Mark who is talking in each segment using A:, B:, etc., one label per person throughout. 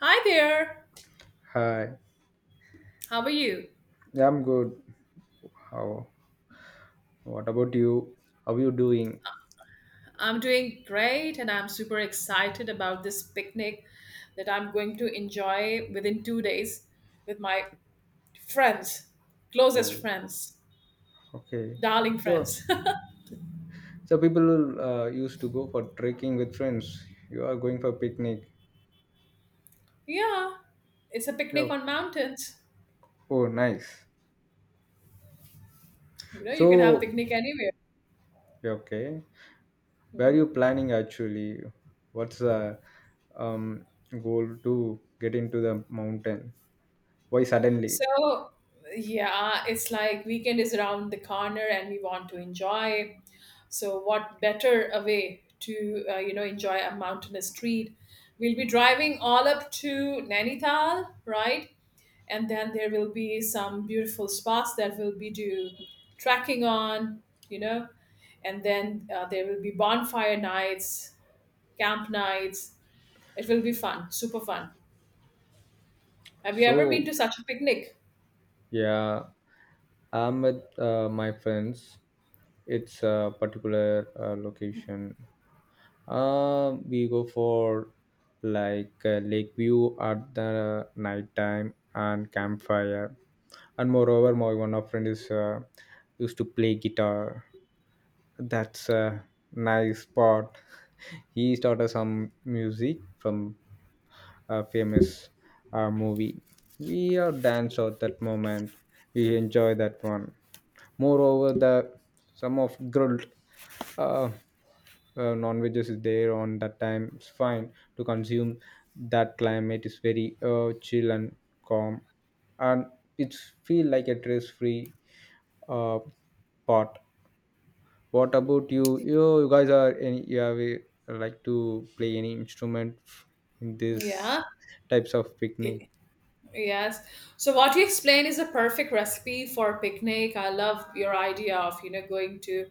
A: Hi there.
B: Hi.
A: How are you?
B: Yeah, I'm good. How? What about you? How you doing?
A: I'm doing great and I'm super excited about this picnic that I'm going to enjoy within 2 days with my friends, closest
B: Oh,
A: friends,
B: okay.
A: darling
B: So,
A: friends.
B: so people used to go for trekking with friends. You are going for picnic.
A: Yeah, it's a picnic
B: Yeah.
A: on mountains.
B: Oh, nice.
A: You know, you can have
B: So,
A: picnic anywhere.
B: yeah, okay. Where are
A: Mhm.
B: you planning actually? What's the um, goal to get into the mountain? Why suddenly?
A: So, yeah, it's like weekend is around the corner and we want to enjoy. So, what better a way to you know, enjoy a mountainous treat? We'll be driving all up to Nainital, right? And then there will be some beautiful spots that will be do trekking on, you know, and then there will be bonfire nights, camp nights. It will be fun, super fun. Have you ever been
B: So,
A: to such a picnic?
B: yeah, I'm with my friends. It's a particular location. We go for like lake view at the night time and campfire. And moreover, my one of friend is used to play guitar. That's a nice part. He started some music from famous movie. We are dance out that moment. We enjoy that one. Moreover, the some of grilled uh, non-veggies is there on that time. It's fine to consume. That climate is very chill and calm, and it's feel like a stress-free uh, part, what about you? You guys are any, you have a, like to play any instrument in this
A: Yeah.
B: types of picnic?
A: Yes. So what you explain is a perfect recipe for a picnic. I love your idea of, you know, going to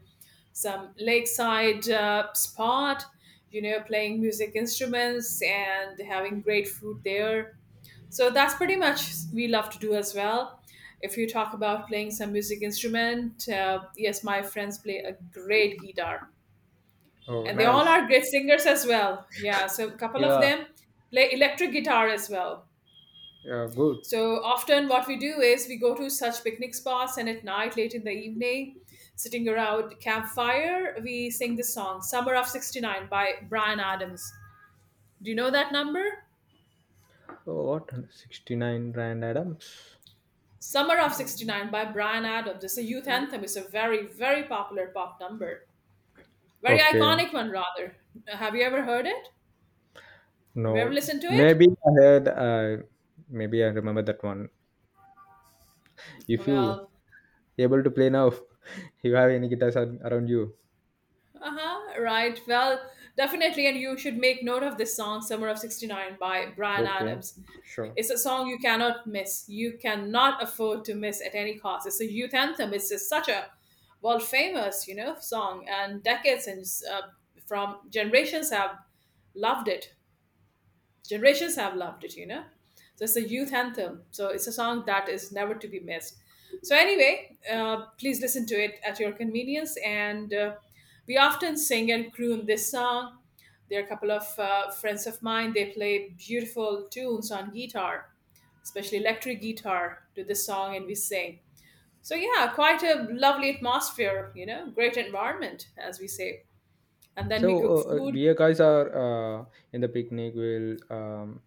A: some lakeside spot, you know, playing music instruments and having great food there. So that's pretty much we love to do as well. If you talk about playing some music instrument, yes, my friends play a great guitar,
B: Oh,
A: and they all
B: nice.
A: are great singers as well. Yeah, so a couple of
B: Yeah,
A: them play electric guitar as well.
B: yeah, good.
A: So often, what we do is we go to such picnic spots, and at night, late in the evening, sitting around campfire, we sing this song, "Summer of '69" by Brian Adams. Do you know that number?
B: Oh, what 69 Rand Adams?
A: "Summer of '69" by Brian Adams. It's a youth anthem. It's a very, very popular pop number, very
B: Okay,
A: iconic one, rather. Have you ever heard it? Have you ever
B: no,
A: listened to it?
B: maybe I heard, maybe I remember that one. If you
A: Well,
B: able to play now, you have any guitars around you?
A: uh huh, right. Well, definitely, and you should make note of this song, Summer of 69 by Brian
B: Okay,
A: Adams.
B: sure.
A: It's a song you cannot miss. You cannot afford to miss at any cost. It's a youth anthem. It's just such a world famous, you know, song, and decades and uh, from generations have loved it. Generations have loved it, you know. So it's a youth anthem. So it's a song that is never to be missed. So anyway, please listen to it at your convenience. And we often sing and croon this song. There are a couple of friends of mine. They play beautiful tunes on guitar, especially electric guitar, to this song and we sing. So, yeah, quite a lovely atmosphere, you know, great environment, as we say. And then
B: So
A: we cook food.
B: beer guys are in the picnic. Will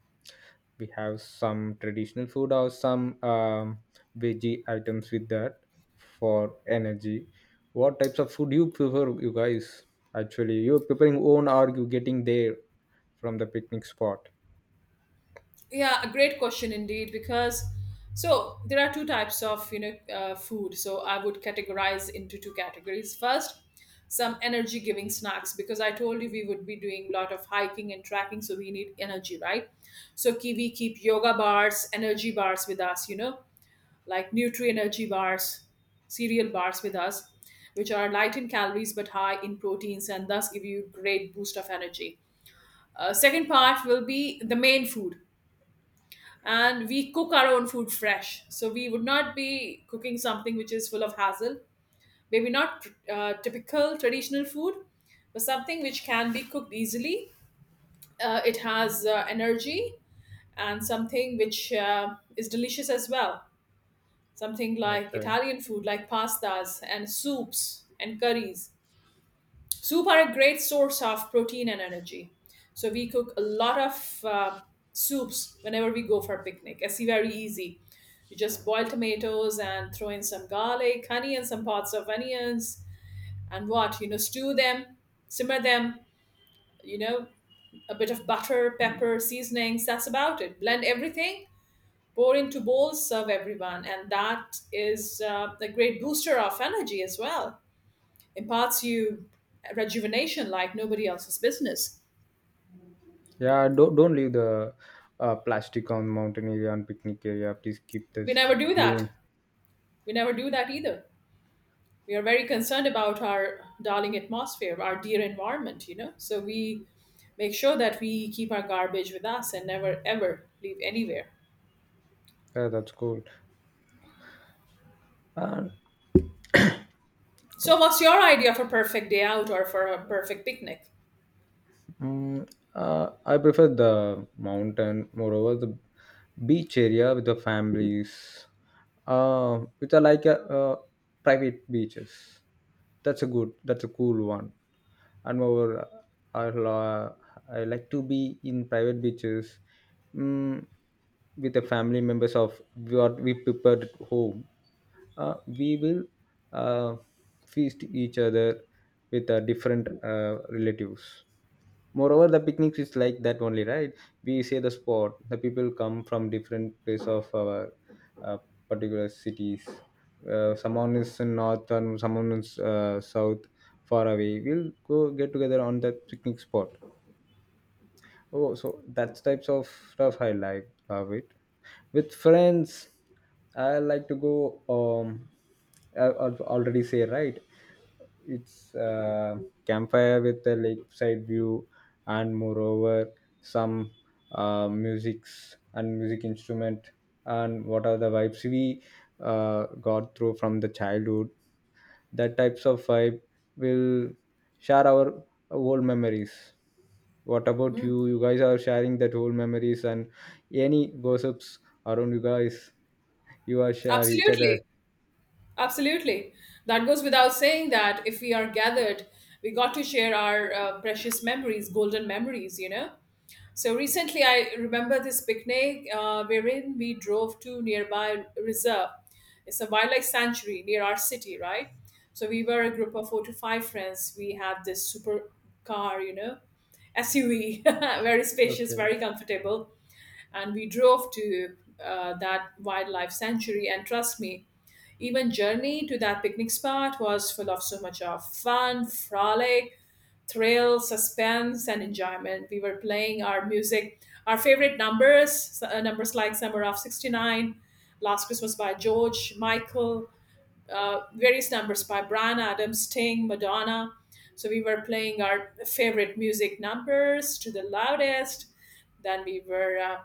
B: we have some traditional food or some veggie items with that for energy? What types of food you prefer, you guys? Actually, you're preparing own or you getting there from the picnic spot?
A: Yeah, a great question indeed, because so there are two types of, you know, food. So I would categorize into two categories. First, some energy giving snacks because I told you we would be doing a lot of hiking and trekking, so we need energy, right? So Kiwi keep yoga bars, energy bars with us, you know, like Nutri Energy bars, cereal bars with us, which are light in calories but high in proteins and thus give you great boost of energy. Second part will be the main food, and we cook our own food fresh, so we would not be cooking something which is full of hassle. Maybe not typical traditional food, but something which can be cooked easily. It has energy and something which is delicious as well. Something like
B: Okay.
A: Italian food, like pastas and soups and curries. Soup are a great source of protein and energy. So we cook a lot of soups whenever we go for picnic. It's very easy. You just boil tomatoes and throw in some garlic, honey, and some parts of onions, and what you know, stew them, simmer them. You know, a bit of butter, pepper, seasonings. That's about it. Blend everything, pour into bowls, serve everyone. And that is a great booster of energy as well. Imparts you rejuvenation like nobody else's business.
B: Yeah, don't leave the plastic on mountain area and picnic area. Please keep
A: We never
B: this
A: do that.
B: clean.
A: We never do that either. We are very concerned about our darling atmosphere, our dear environment, you know. So we make sure that we keep our garbage with us and never ever leave anywhere.
B: Yeah, that's cool. And
A: So, what's your idea of a perfect day out or for a perfect picnic?
B: Mm, I prefer the mountain, moreover, the beach area with the families, which are like a, private beaches. That's a good, that's a cool one. And moreover, I, uh, I like to be in private beaches, mm, with the family members of what we prepared at home. We will uh, feast each other with different relatives. Moreover, the picnics is like that only, right? We say the spot, the people come from different place of our uh, particular cities. Someone is in north and someone is south far away. We'll go get together on that picnic spot. Oh, so that's types of stuff I like, love it. With friends I like to go. um I already say right, it's campfire with a lakeside view, and moreover, some musics and music instrument, and what are the vibes we got through from the childhood. That types of vibe will share our old memories. What about you? You guys are sharing that old memories and any gossips around you guys. You are share each
A: Absolutely.
B: other.
A: Absolutely. That goes without saying that if we are gathered, we got to share our precious memories, golden memories, you know. So recently, I remember this picnic wherein we drove to nearby reserve. It's a wildlife sanctuary near our city, right? So we were a group of 4 to 5 friends. We had this super car, you know, SUV, very spacious,
B: Okay.
A: very comfortable, and we drove to that wildlife sanctuary. And trust me, even journey to that picnic spot was full of so much of fun, frolic, thrill, suspense, and enjoyment. We were playing our music, our favorite numbers, numbers like Summer of '69, Last Christmas by George Michael, various numbers by Brian Adams, Sting, Madonna. So we were playing our favorite music numbers to the loudest. Then we were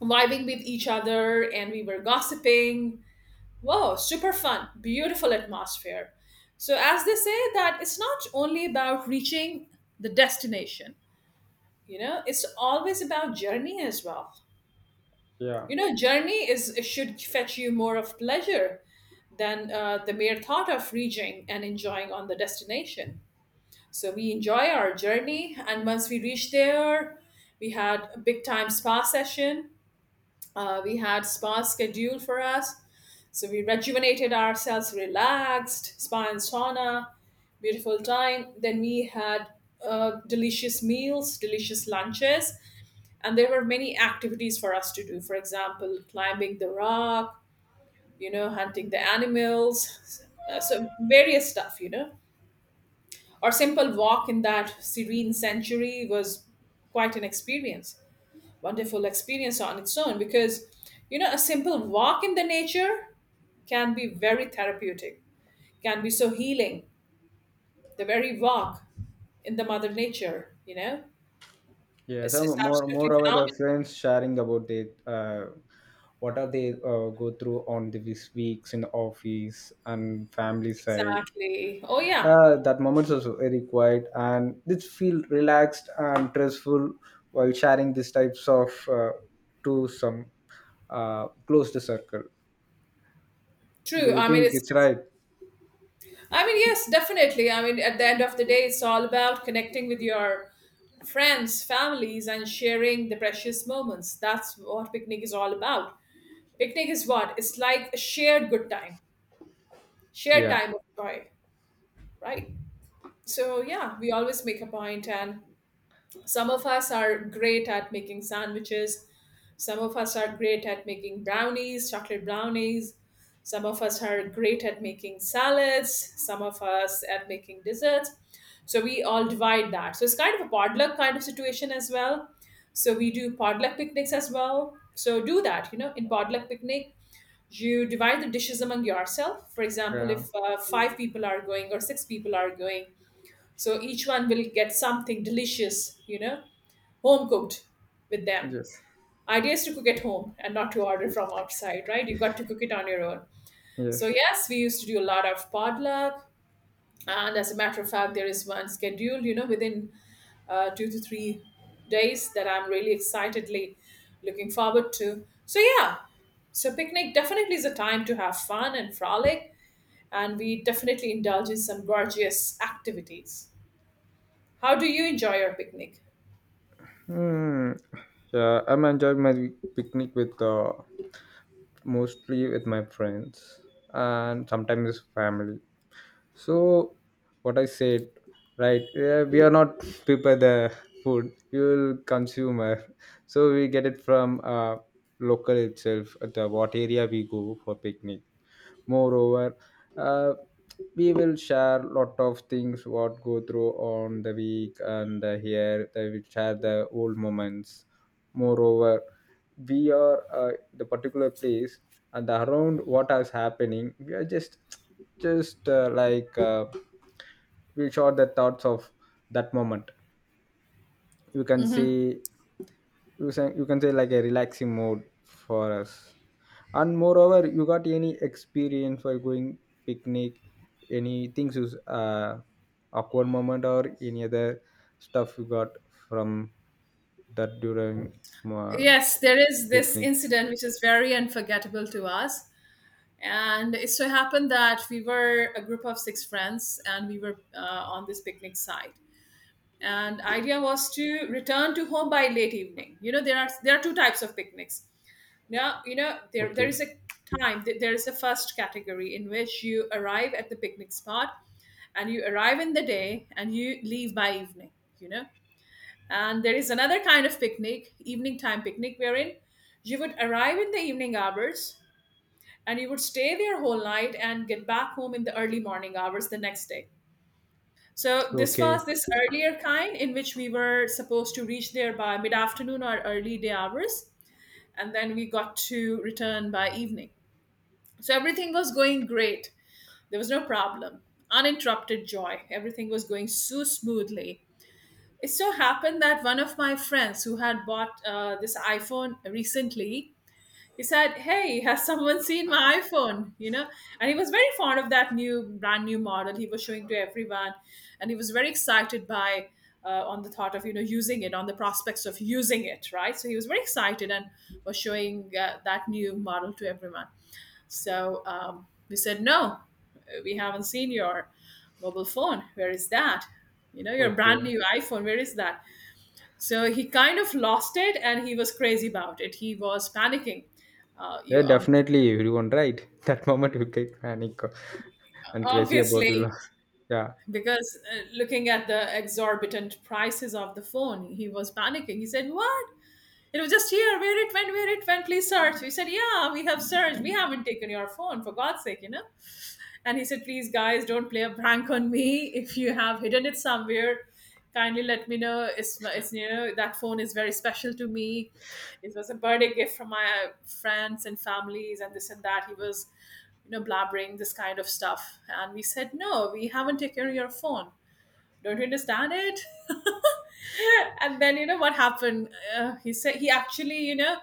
A: vibing with each other and we were gossiping. Wow, super fun, beautiful atmosphere. So, as they say, that it's not only about reaching the destination, you know, it's always about journey as well.
B: Yeah.
A: You know, journey is it should fetch you more of pleasure than the mere thought of reaching and enjoying on the destination. So we enjoy our journey, and once we reach there, we had a big time spa session. We had spa scheduled for us. So we rejuvenated ourselves, relaxed, spa and sauna, beautiful time. Then we had delicious meals, delicious lunches, and there were many activities for us to do. For example, climbing the rock, you know, hunting the animals, so various stuff, you know. Our simple walk in that serene sanctuary was quite an experience, wonderful experience on its own because you know a simple walk in the nature can be very therapeutic, can be so healing, the very walk in the mother nature, you know,
B: Yes,
A: it's
B: and more
A: absolutely
B: moreover,
A: phenomenal.
B: the friends sharing about it, what are they go through on the this weeks in the office and family side.
A: Exactly. Oh yeah.
B: That moment was very quiet and it feel relaxed and stressful while sharing these types of to some close the circle. Do
A: True.
B: you
A: i mean
B: think
A: it's,
B: it's
A: it's
B: right?
A: I mean, yes, definitely. I mean at the end of the day it's all about connecting with your friends, families and sharing the precious moments. That's what picnic is all about. Picnic is what, it's like a shared good time, shared
B: Yeah.
A: time of joy, right? So, yeah, we always make a point, and some of us are great at making sandwiches, some of us are great at making brownies, chocolate brownies, some of us are great at making salads, some of us at making desserts. So, we all divide that. So, it's kind of a potluck kind of situation as well. So, we do potluck picnics as well. So, do that, you know, in potluck picnic. You divide the dishes among yourself. For example,
B: Yeah.
A: if 5 people are going or 6 people are going, so each one will get something delicious, you know, home cooked with them.
B: Yes.
A: Idea is to cook at home and not to order from outside, right? You've got to cook it on your own.
B: Yes.
A: So, yes, we used to do a lot of potluck. And as a matter of fact, there is one scheduled, you know, within 2 to 3 days that I'm really excitedly looking forward to. So, yeah, so picnic definitely is a time to have fun and frolic, and we definitely indulge in some gorgeous activities. How do you enjoy your picnic?
B: Hmm. Yeah, I'm enjoying my picnic with mostly with my friends and sometimes family. So what I said, right? Yeah, we are not prepare the food. We will consumer, so we get it from local itself. At the, what area we go for picnic, moreover uh, we will share lot of things what go through on the week, and here they will share the old moments. Moreover, we are the particular place and around what is happening we are just like we share the thoughts of that moment. You can see, you can say like a relaxing mode for us. And moreover, you got any experience while going picnic, any things is awkward moment or any other stuff you got from that during uh,
A: Yes, there is this
B: picnic?
A: incident which is very unforgettable to us. And it so happened that we were a group of 6 friends and we were on this picnic site. And idea was to return to home by late evening. You know, there are two types of picnics. Now, you know, there
B: Okay.
A: is a time, there is a first category in which you arrive at the picnic spot and you arrive in the day and you leave by evening, you know, and there is another kind of picnic, evening time picnic, wherein you would arrive in the evening hours and you would stay there whole night and get back home in the early morning hours the next day. So this was
B: Okay.
A: this earlier kind in which we were supposed to reach there by mid afternoon or early day hours, and then we got to return by evening. So everything was going great. There was no problem. Uninterrupted joy. Everything was going so smoothly. It so happened that one of my friends who had bought this iPhone recently, he said, "Hey, has someone seen my iPhone?" You know, and he was very fond of that new, brand new model. He was showing to everyone, and he was very excited by on the thought of you know using it, on the prospects of using it, right? So he was very excited and was showing that new model to everyone. So we said, "No, we haven't seen your mobile phone. Where is that?" You know, your brand
B: Okay.
A: new iPhone, where is that? So he kind of lost it and he was crazy about it. He was panicking. Uh, you
B: Yeah,
A: ob-
B: definitely everyone, right? That moment you get panic and crazy about will.
A: obviously
B: Yeah.
A: because looking at the exorbitant prices of the phone, he was panicking. He said, "What? It was just here. Where it went? Where it went? Please search." We said, "Yeah, we have searched. We haven't taken your phone for God's sake, you know." And he said, Please, guys, don't play a prank on me. If you have hidden it somewhere, kindly let me know. It's that phone is very special to me. It was a birthday gift from my friends and families, and this and that. He was, you know, blabbering this kind of stuff. And we said, No, we haven't taken your phone. Don't you understand it? And then, you know, what happened? He said, He actually, you know,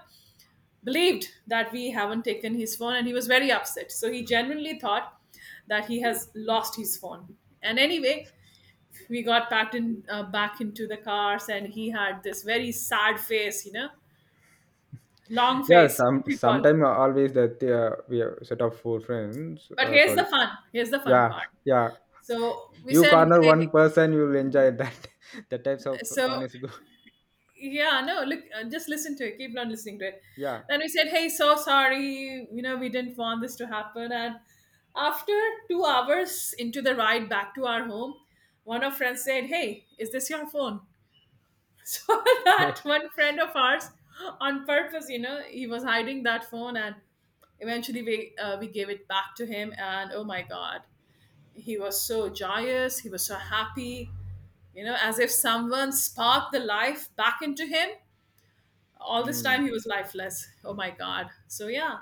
A: believed that we haven't taken his phone and he was very upset, so he genuinely thought that he has lost his phone. And anyway, we got packed in back into the cars, and he had this very sad face, you know, long
B: Yeah,
A: face,
B: some
A: what do you call.
B: sometime always that we are set of four friends.
A: But here's the
B: Sorry.
A: fun, here's the fun
B: Yeah,
A: part.
B: yeah.
A: So we
B: You
A: said,
B: corner one
A: hey,
B: person, you'll enjoy that. The types of fun
A: so
B: is good.
A: yeah, no, look, just listen to it, keep on listening to it.
B: Yeah.
A: Then we said, hey, so sorry, you know, we didn't want this to happen. And after 2 hours into the ride back to our home, one of friends said, hey, is this your phone? So that one friend of ours on purpose, you know, he was hiding that phone. And eventually we gave it back to him, and oh my god, he was so joyous, he was so happy, you know, as if someone sparked the life back into him. All this time
B: Mm.
A: he was lifeless, oh my god. So yeah,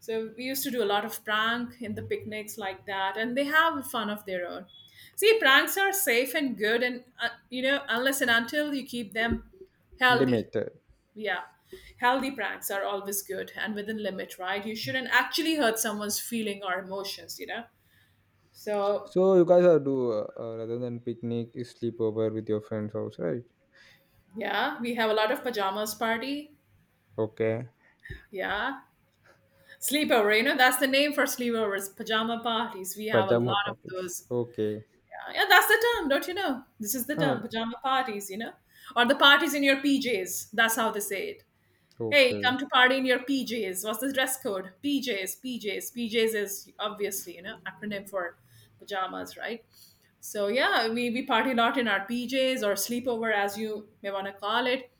A: so we used to do a lot of prank in the picnics like that, and they have fun of their own. See, pranks are safe and good, and you know, unless and until you keep them healthy.
B: Limited.
A: Yeah, healthy pranks are always good and within limit, right? You shouldn't actually hurt someone's feeling or emotions, you know. So
B: So you guys are do rather than picnic, is sleepover with your friends house, right?
A: yeah, we have a lot of pajamas party.
B: Okay.
A: Yeah. Sleepover, you know, that's the name for sleepovers, pajama parties. We have a
B: Pajama
A: lot of
B: parties.
A: those.
B: Okay.
A: Yeah, yeah, that's the term, don't you know? This is the term,
B: Oh,
A: pajama parties, you know? Or the parties in your PJs. That's how they say it. Hey,
B: okay.
A: come to party in your PJs. What's the dress code? PJs, PJs. PJs is obviously, you know, acronym for pajamas, right? So yeah, we party a lot in our PJs or sleepover as you may want to call it.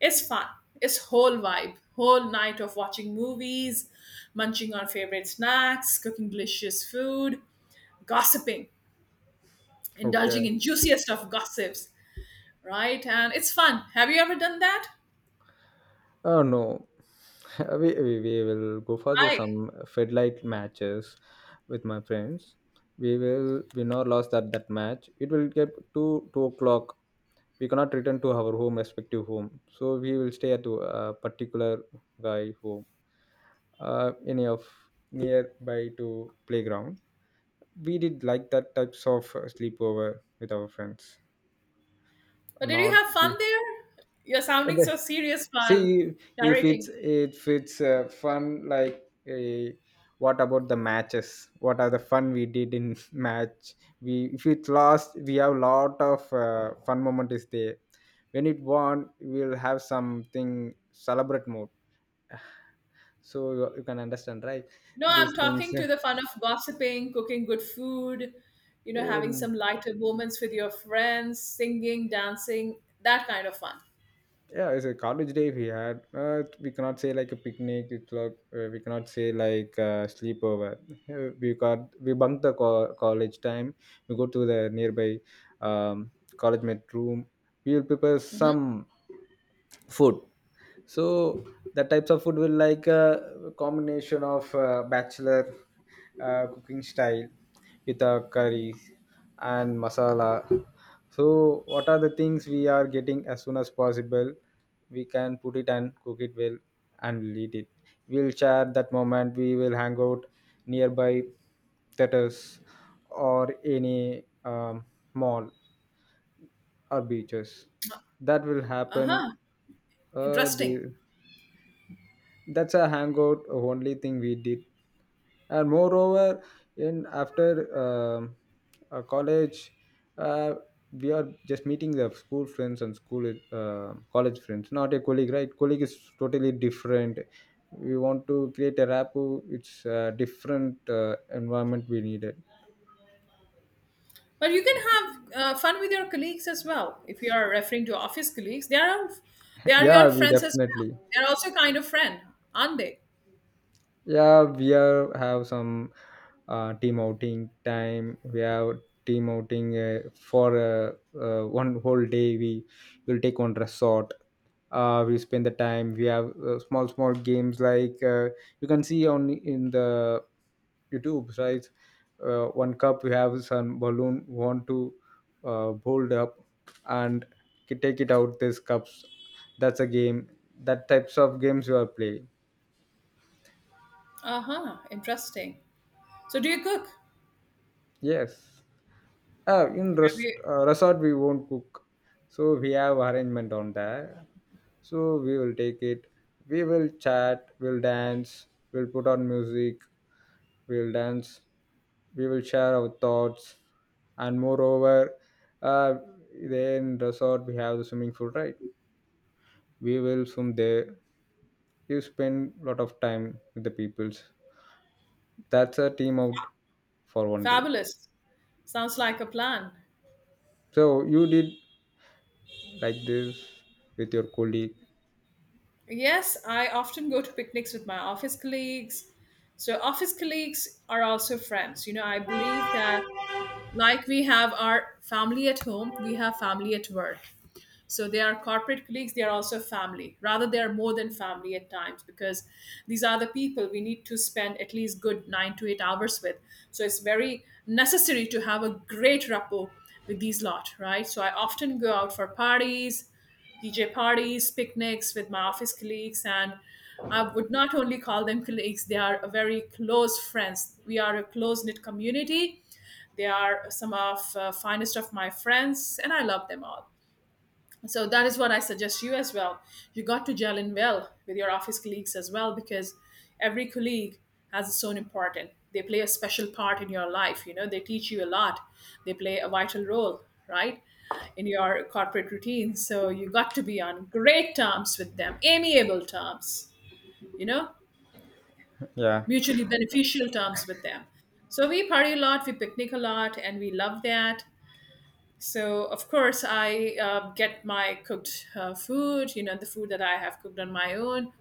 A: It's fun. It's whole vibe. Whole night of watching movies, munching on favorite snacks, cooking delicious food, gossiping,
B: Okay.
A: indulging in juiciest of gossips, right? And it's fun. Have you ever done that?
B: Oh no, we will go for the
A: Hi.
B: some Fedlight matches with my friends. We will win or loss that match. It will get two two o'clock. We cannot return to our home, respective home. So we will stay at a particular guy home, any of nearby to playground. We did like that types of sleepover with our friends.
A: But did you
B: Not
A: have fun there? You're sounding so serious while
B: see if it's
A: narrating.
B: if it's fun. Like, what about the matches? What are the fun we did in match? We if it lost, we have lot of fun moment is there. When it won, we'll have something celebrate mode. So you can understand, right?
A: No, I'm
B: These things.
A: talking to the fun of gossiping, cooking good food, you know,
B: Oh,
A: having some lighter moments with your friends, singing, dancing, that kind of fun.
B: yeah, it's a college day we had. We cannot say like a picnic. It's like, we cannot say like sleepover. We bunk the college time. We go to the nearby um, college met room. We will prepare some food. So the types of food will like a combination of bachelor cooking style with a curry and masala. So what are the things we are getting as soon as possible, we can put it and cook it well, and we'll eat it. We'll share that moment. We will hang out nearby theaters or any mall or beaches. That will
A: Uh
B: happen.
A: huh. Interesting.
B: The that's a hangout only thing we did. And moreover, in after um college, uh, we are just meeting the school friends and school college friends, not a colleague, right? Colleague is totally different. We want to create a rapport. It's a different environment we needed.
A: But you can have fun with your colleagues as well. If you are referring to office colleagues, they are they are your
B: Yeah, we
A: friends as well.
B: definitely.
A: They are also kind of friend, aren't they?
B: Yeah, we are have some team outing time. We have team outing for one whole day. We will take one resort. We spend the time. We have small small games like, you can see on in the YouTube, right? One cup we have some balloon want to hold up and take it out. These cups. That's a game. That types of games you are playing.
A: Uh huh. Interesting. So do you cook?
B: Yes. In
A: You-
B: resort, we won't cook. So we have arrangement on that. So we will take it. We will chat. We'll dance. We'll put on music. We'll dance. We will share our thoughts. And moreover, uh, then resort we have the swimming pool, right? We will swim there. You spend a lot of time with the peoples. That's a team out for one day.
A: Fabulous. Sounds like a plan.
B: So you did like this with your colleague.
A: Yes, I often go to picnics with my office colleagues. So office colleagues are also friends. You know, I believe that like we have our family at home, we have family at work. So they are corporate colleagues, they are also family. Rather, they are more than family at times because these are the people we need to spend at least good 9 to 8 hours with. So it's very necessary to have a great rapport with these lot, right? So I often go out for parties, DJ parties, picnics with my office colleagues, and I would not only call them colleagues, they are very close friends. We are a close knit community. They are some of finest of my friends, and I love them all. So that is what I suggest you as well. You got to gel in well with your office colleagues as well, because every colleague has its own important, they play a special part in your life, you know, they teach you a lot, they play a vital role, right, in your corporate routine. So you got to be on great terms with them, amiable terms, you know,
B: Yeah.
A: mutually beneficial terms with them. So we party a lot, we picnic a lot, and we love that. So of course I get my cooked food, you know, the food that I have cooked on my own.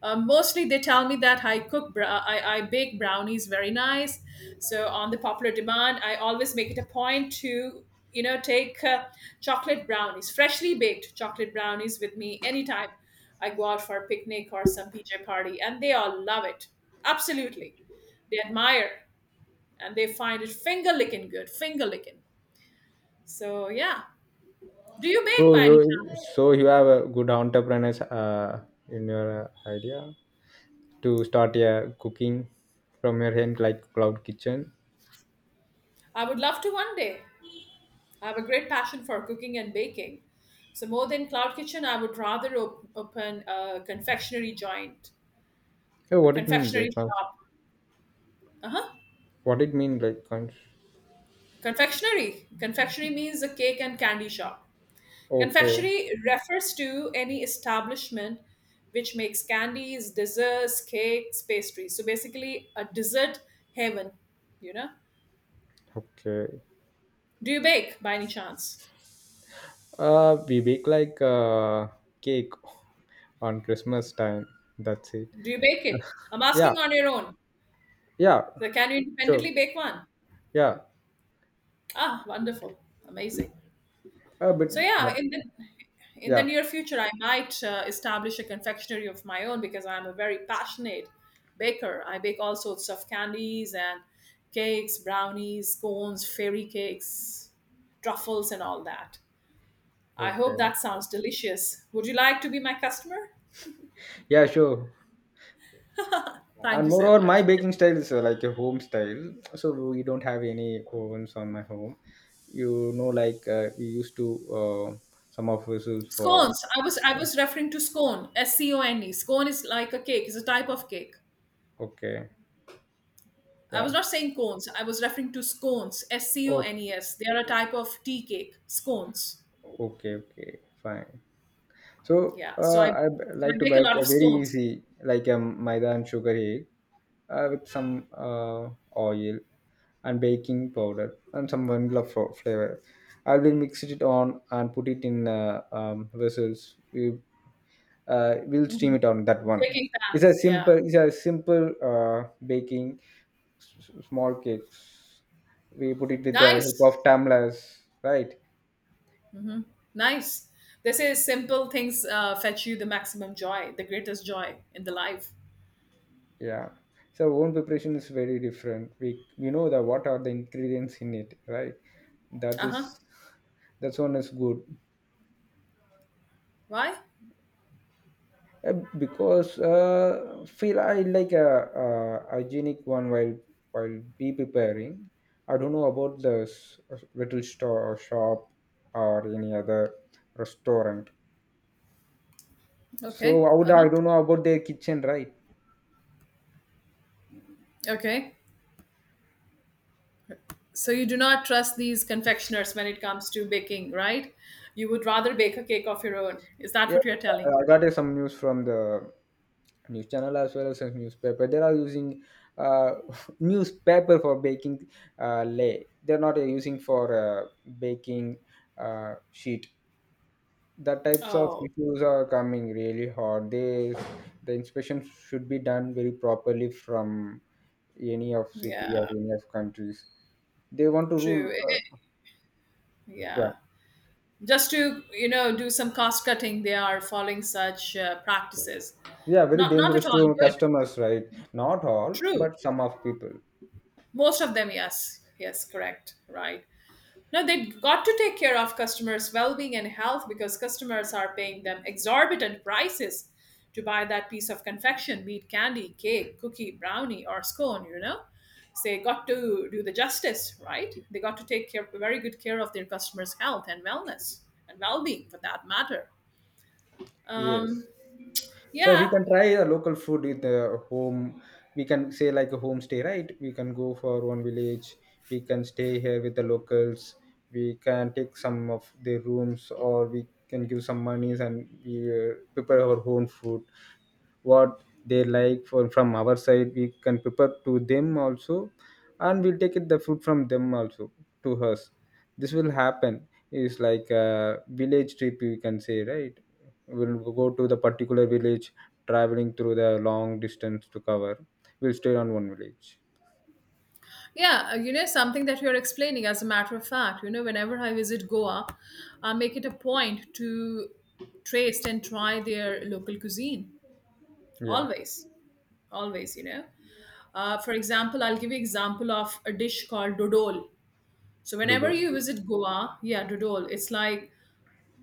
A: Mostly they tell me that I cook, bra- I bake brownies very nice. So on the popular demand, I always make it a point to, you know, take chocolate brownies, freshly baked chocolate brownies with me anytime I go out for a picnic or some PJ party, and they all love it. Absolutely, they admire and they find it finger licking good, finger licking. So yeah. Do you
B: So
A: bake by any
B: you
A: chance?
B: so you have a good entrepreneurs in your idea to start a cooking from your hand like cloud kitchen.
A: I would love to one day. I have a great passion for cooking and baking. So more than cloud kitchen, I would rather open a confectionery joint,
B: So
A: a
B: what it mean the
A: confectionery
B: cons-,
A: shop. Uh-huh.
B: what it mean like cons-.
A: Confectionery. Confectionery means a cake and candy shop.
B: Okay,
A: Confectionery refers to any establishment which makes candies, desserts, cakes, pastries. So basically a dessert heaven, you know.
B: okay.
A: Do you bake by any chance?
B: Uh, we bake like cake on Christmas time, that's it.
A: Do you bake it? I'm
B: Yeah.
A: asking on your own.
B: Yeah,
A: So can you
B: sure.
A: independently bake one?
B: Yeah.
A: Ah, wonderful, amazing.
B: uh, but
A: So yeah,
B: but
A: in the
B: yeah,
A: near future, I might establish a confectionery of my own because I'm a very passionate baker. I bake all sorts of candies and cakes, brownies, cones, fairy cakes, truffles, and all that. I hope
B: okay.
A: that sounds delicious. Would you like to be my customer?
B: Yeah, sure.
A: Thank
B: And
A: you so
B: moreover, my
A: much.
B: baking style is like a home style. So we don't have any ovens on my home. You know, like we used to uh, some of us use for.
A: Scones. I was referring to scone. S C O N E. Scone is like a cake. It's a type of cake.
B: Okay,
A: I was
B: yeah.
A: not saying cones. I was referring to scones. S C O
B: Oh,
A: N E S. They are a type of tea cake. Scones.
B: okay, okay, fine. So
A: Yeah. So I, so
B: I
A: I
B: like to
A: bake a
B: bake
A: lot of
B: a very
A: scones.
B: easy, like a maida and sugar egg with some oil and baking powder and some vanilla flavor. I will mix it on and put it in vessels. We'll
A: Hmm.
B: stream it on that one.
A: Baking
B: it's a
A: pans. Yeah.
B: simple it's a simple baking small cakes. We put it with the help
A: Nice.
B: of tamlas, right?
A: Nice. They say simple things fetch you the maximum joy, the greatest joy in the life.
B: Yeah. So own preparation is very different. We know the what are the ingredients in it, right? That
A: Uh
B: is,
A: huh.
B: that's one is good.
A: Why?
B: Because feel I like a hygienic one while be preparing. I don't know about the little store or shop or any other restaurant. So
A: Okay.
B: I would,
A: Uh huh.
B: I don't know about their kitchen, right?
A: Okay. So you do not trust these confectioners when it comes to baking, right? You would rather bake a cake of your own. Is that
B: Yeah,
A: what you're telling?
B: I got some news from the news channel as well as a newspaper. They are using uh, newspaper for baking lay. They're not using for baking sheet. That types of
A: Oh,
B: issues are coming really hard. They, the inspection should be done very properly from any of city
A: yeah,
B: or any of countries. They want to rule
A: true.
B: yeah.
A: Yeah. Just to, you know, do some cost cutting, they are following such practices.
B: Yeah, very
A: Not not at
B: dangerous
A: all
B: to
A: good.
B: customers, right? Not all,
A: True.
B: but some of people.
A: Most of them, yes. Yes, correct. Right. No, they got to take care of customers' well-being and health because customers are paying them exorbitant prices to buy that piece of confection, be it candy, cake, cookie, brownie, or scone, you know. So they got to do the justice, right? They got to take care very good care of their customers' health and wellness and well-being for that matter.
B: Yes.
A: Um,
B: So we
A: yeah,
B: can try a local food with a home. We can say like a homestay, right? We can go for one village. We can stay here with the locals. We can take some of their rooms, or we can give some monies and we prepare our own food what they like for. From our side we can prepare to them also, and we'll take it the food from them also to us. This will happen is like a village trip, you can say, right? We'll go to the particular village, traveling through the long distance to cover. We'll stay on one village.
A: yeah, you know, something that you're explaining, as a matter of fact, you know, whenever I visit Goa, I make it a point to taste and try their local cuisine.
B: Yeah.
A: Always, always, you know. For example, I'll give you example of a dish called dodol. So whenever
B: Dodo.
A: you visit Goa, yeah, dodol, it's like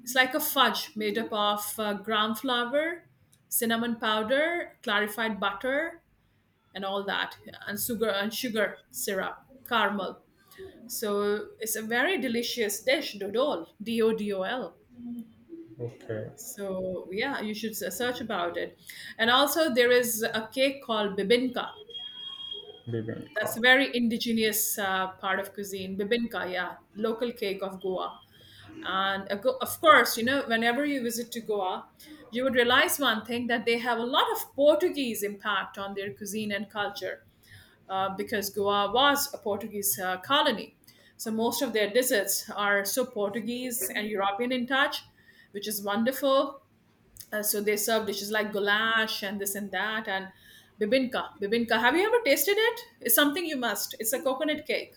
A: it's like a fudge made up of gram flour, cinnamon powder, clarified butter, and all that, and sugar syrup, caramel. So it's a very delicious dish, dodol, D O D O L.
B: Okay.
A: So yeah, you should search about it. And also there is a cake called bibinka. That's
B: Bibimbap.
A: a very indigenous part of cuisine. Bibinka, yeah, local cake of Goa. And of course, you know, whenever you visit to Goa, you would realize one thing that they have a lot of Portuguese impact on their cuisine and culture. Because Goa was a Portuguese colony. So most of their desserts are so Portuguese and European in touch, which is wonderful. So they serve dishes like goulash and this and that and bibinka. Bibinka, have you ever tasted it? It's something you must. It's a coconut cake.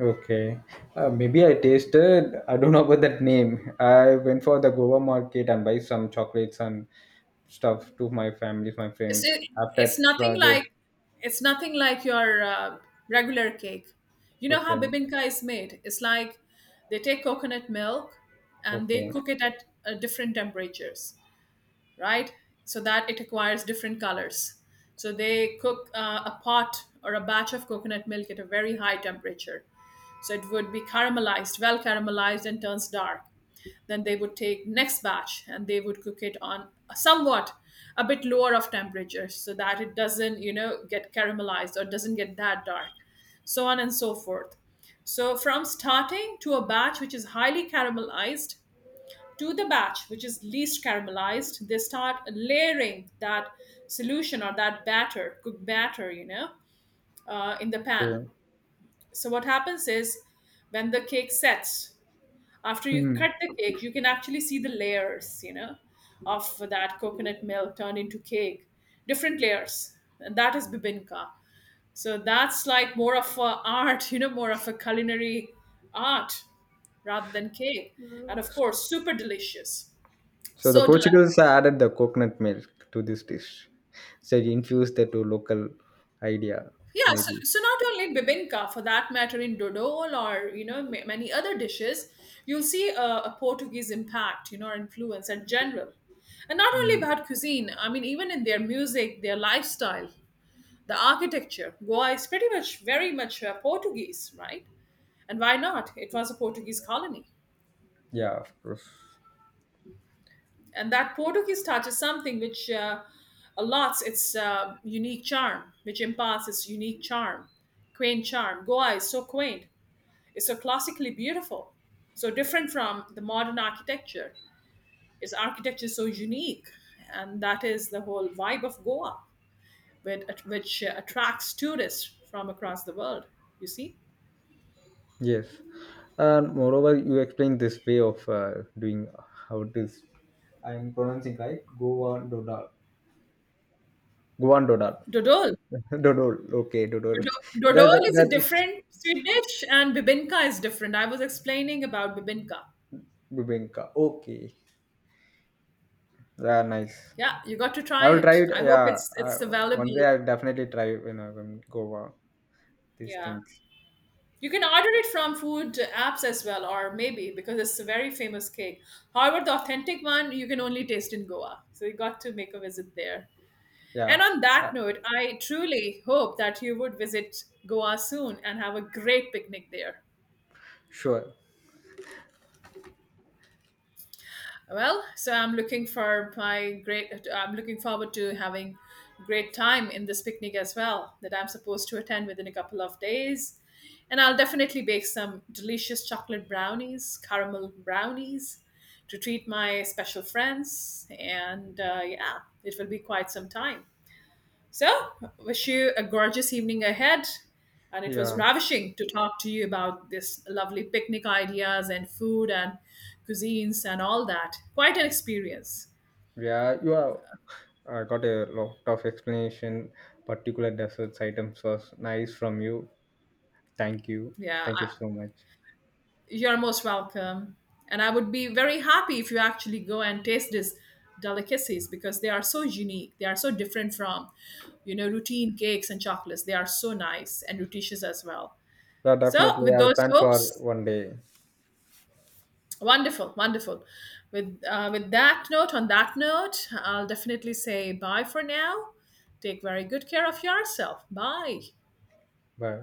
B: Okay, maybe I tasted. I don't know about that name. I went for the Goa market and buy some chocolates and stuff to my family, my
A: It's
B: friends.
A: it.
B: After
A: it's nothing like
B: project,
A: it's nothing like your regular cake. You know how
B: okay,
A: bibinka is made? It's like they take coconut milk and they
B: okay,
A: cook it at different temperatures. Right? So that it acquires different colors. So they cook a pot or a batch of coconut milk at a very high temperature. So it would be caramelized, well caramelized, and turns dark. Then they would take next batch and they would cook it on somewhat a bit lower of temperature so that it doesn't, you know, get caramelized or doesn't get that dark. So on and so forth. So from starting to a batch which is highly caramelized to the batch which is least caramelized, they start layering that solution or that batter, cooked batter, you know, in the pan.
B: okay.
A: So what happens is, when the cake sets, after you
B: Hmm.
A: cut the cake, you can actually see the layers, you know, of that coconut milk turned into cake, different layers, and that is bibinka. So that's like more of a art, you know, more of a culinary art rather than cake, and of course super delicious,
B: So the
A: so delicious.
B: Portuguese added the coconut milk to this dish, so it infused that to local idea,
A: Yeah, so,
B: maybe.
A: so not only Bibinka, for that matter, in dodol or you know many other dishes, you'll see a Portuguese impact, you know, or influence in general, and not only
B: Mm.
A: about cuisine. I mean, even in their music, their lifestyle, the architecture. Goa is pretty much very much Portuguese, right? And why not? It was a Portuguese colony,
B: Yeah, of course.
A: and that Portuguese touch is something which allots its unique charm, which imparts its unique charm, quaint charm. Goa is so quaint, is so classically beautiful, so different from the modern architecture. Its architecture is so unique, and that is the whole vibe of Goa, which attracts tourists from across the world. You see,
B: Yes. And moreover, you explained this way of doing how it is. I'm pronouncing right. Goan dodal. Goan dodal.
A: Dodol.
B: Dodol. Okay, dodol. That
A: Dodol
B: that
A: is a
B: that is
A: different sweet dish, and bibinka is different. I was explaining about bibinka.
B: bibinka. Okay. Yeah, nice.
A: Yeah, you got to
B: I
A: try
B: will try
A: it.
B: it.
A: I hope
B: Yeah,
A: it's
B: I,
A: it's
B: one day
A: available.
B: I'll definitely try, you know, when Goa these
A: Yeah,
B: things.
A: you can order it from food apps as well, or maybe because it's a very famous cake. However, the authentic one you can only taste in Goa. So you got to make a visit there. And
B: Yeah,
A: on that
B: uh,
A: note, I truly hope that you would visit Goa soon and have a great picnic there.
B: sure.
A: Well, so I'm looking for my great. I'm looking forward to having great time in this picnic as well that I'm supposed to attend within a couple of days, and I'll definitely bake some delicious chocolate brownies, caramel brownies, to treat my special friends. And yeah, it will be quite some time. So, wish you a gorgeous evening ahead. And it was
B: Yeah,
A: ravishing to talk to you about this lovely picnic ideas and food and cuisines and all that. Quite an experience.
B: yeah. You are. I got a lot of explanation. Particular desserts items was nice from you. Thank you.
A: Yeah,
B: Thank you
A: I,
B: so much.
A: you're most welcome. And I would be very happy if you actually go and taste these delicacies because they are so unique. They are so different from, you know, routine cakes and chocolates. They are so nice and nutritious as well.
B: Yeah,
A: So,
B: definitely.
A: with
B: I will
A: those
B: plan for
A: hopes,
B: one day.
A: wonderful, wonderful. With that note, on that note, I'll definitely say bye for now. Take very good care of yourself. Bye.
B: Bye.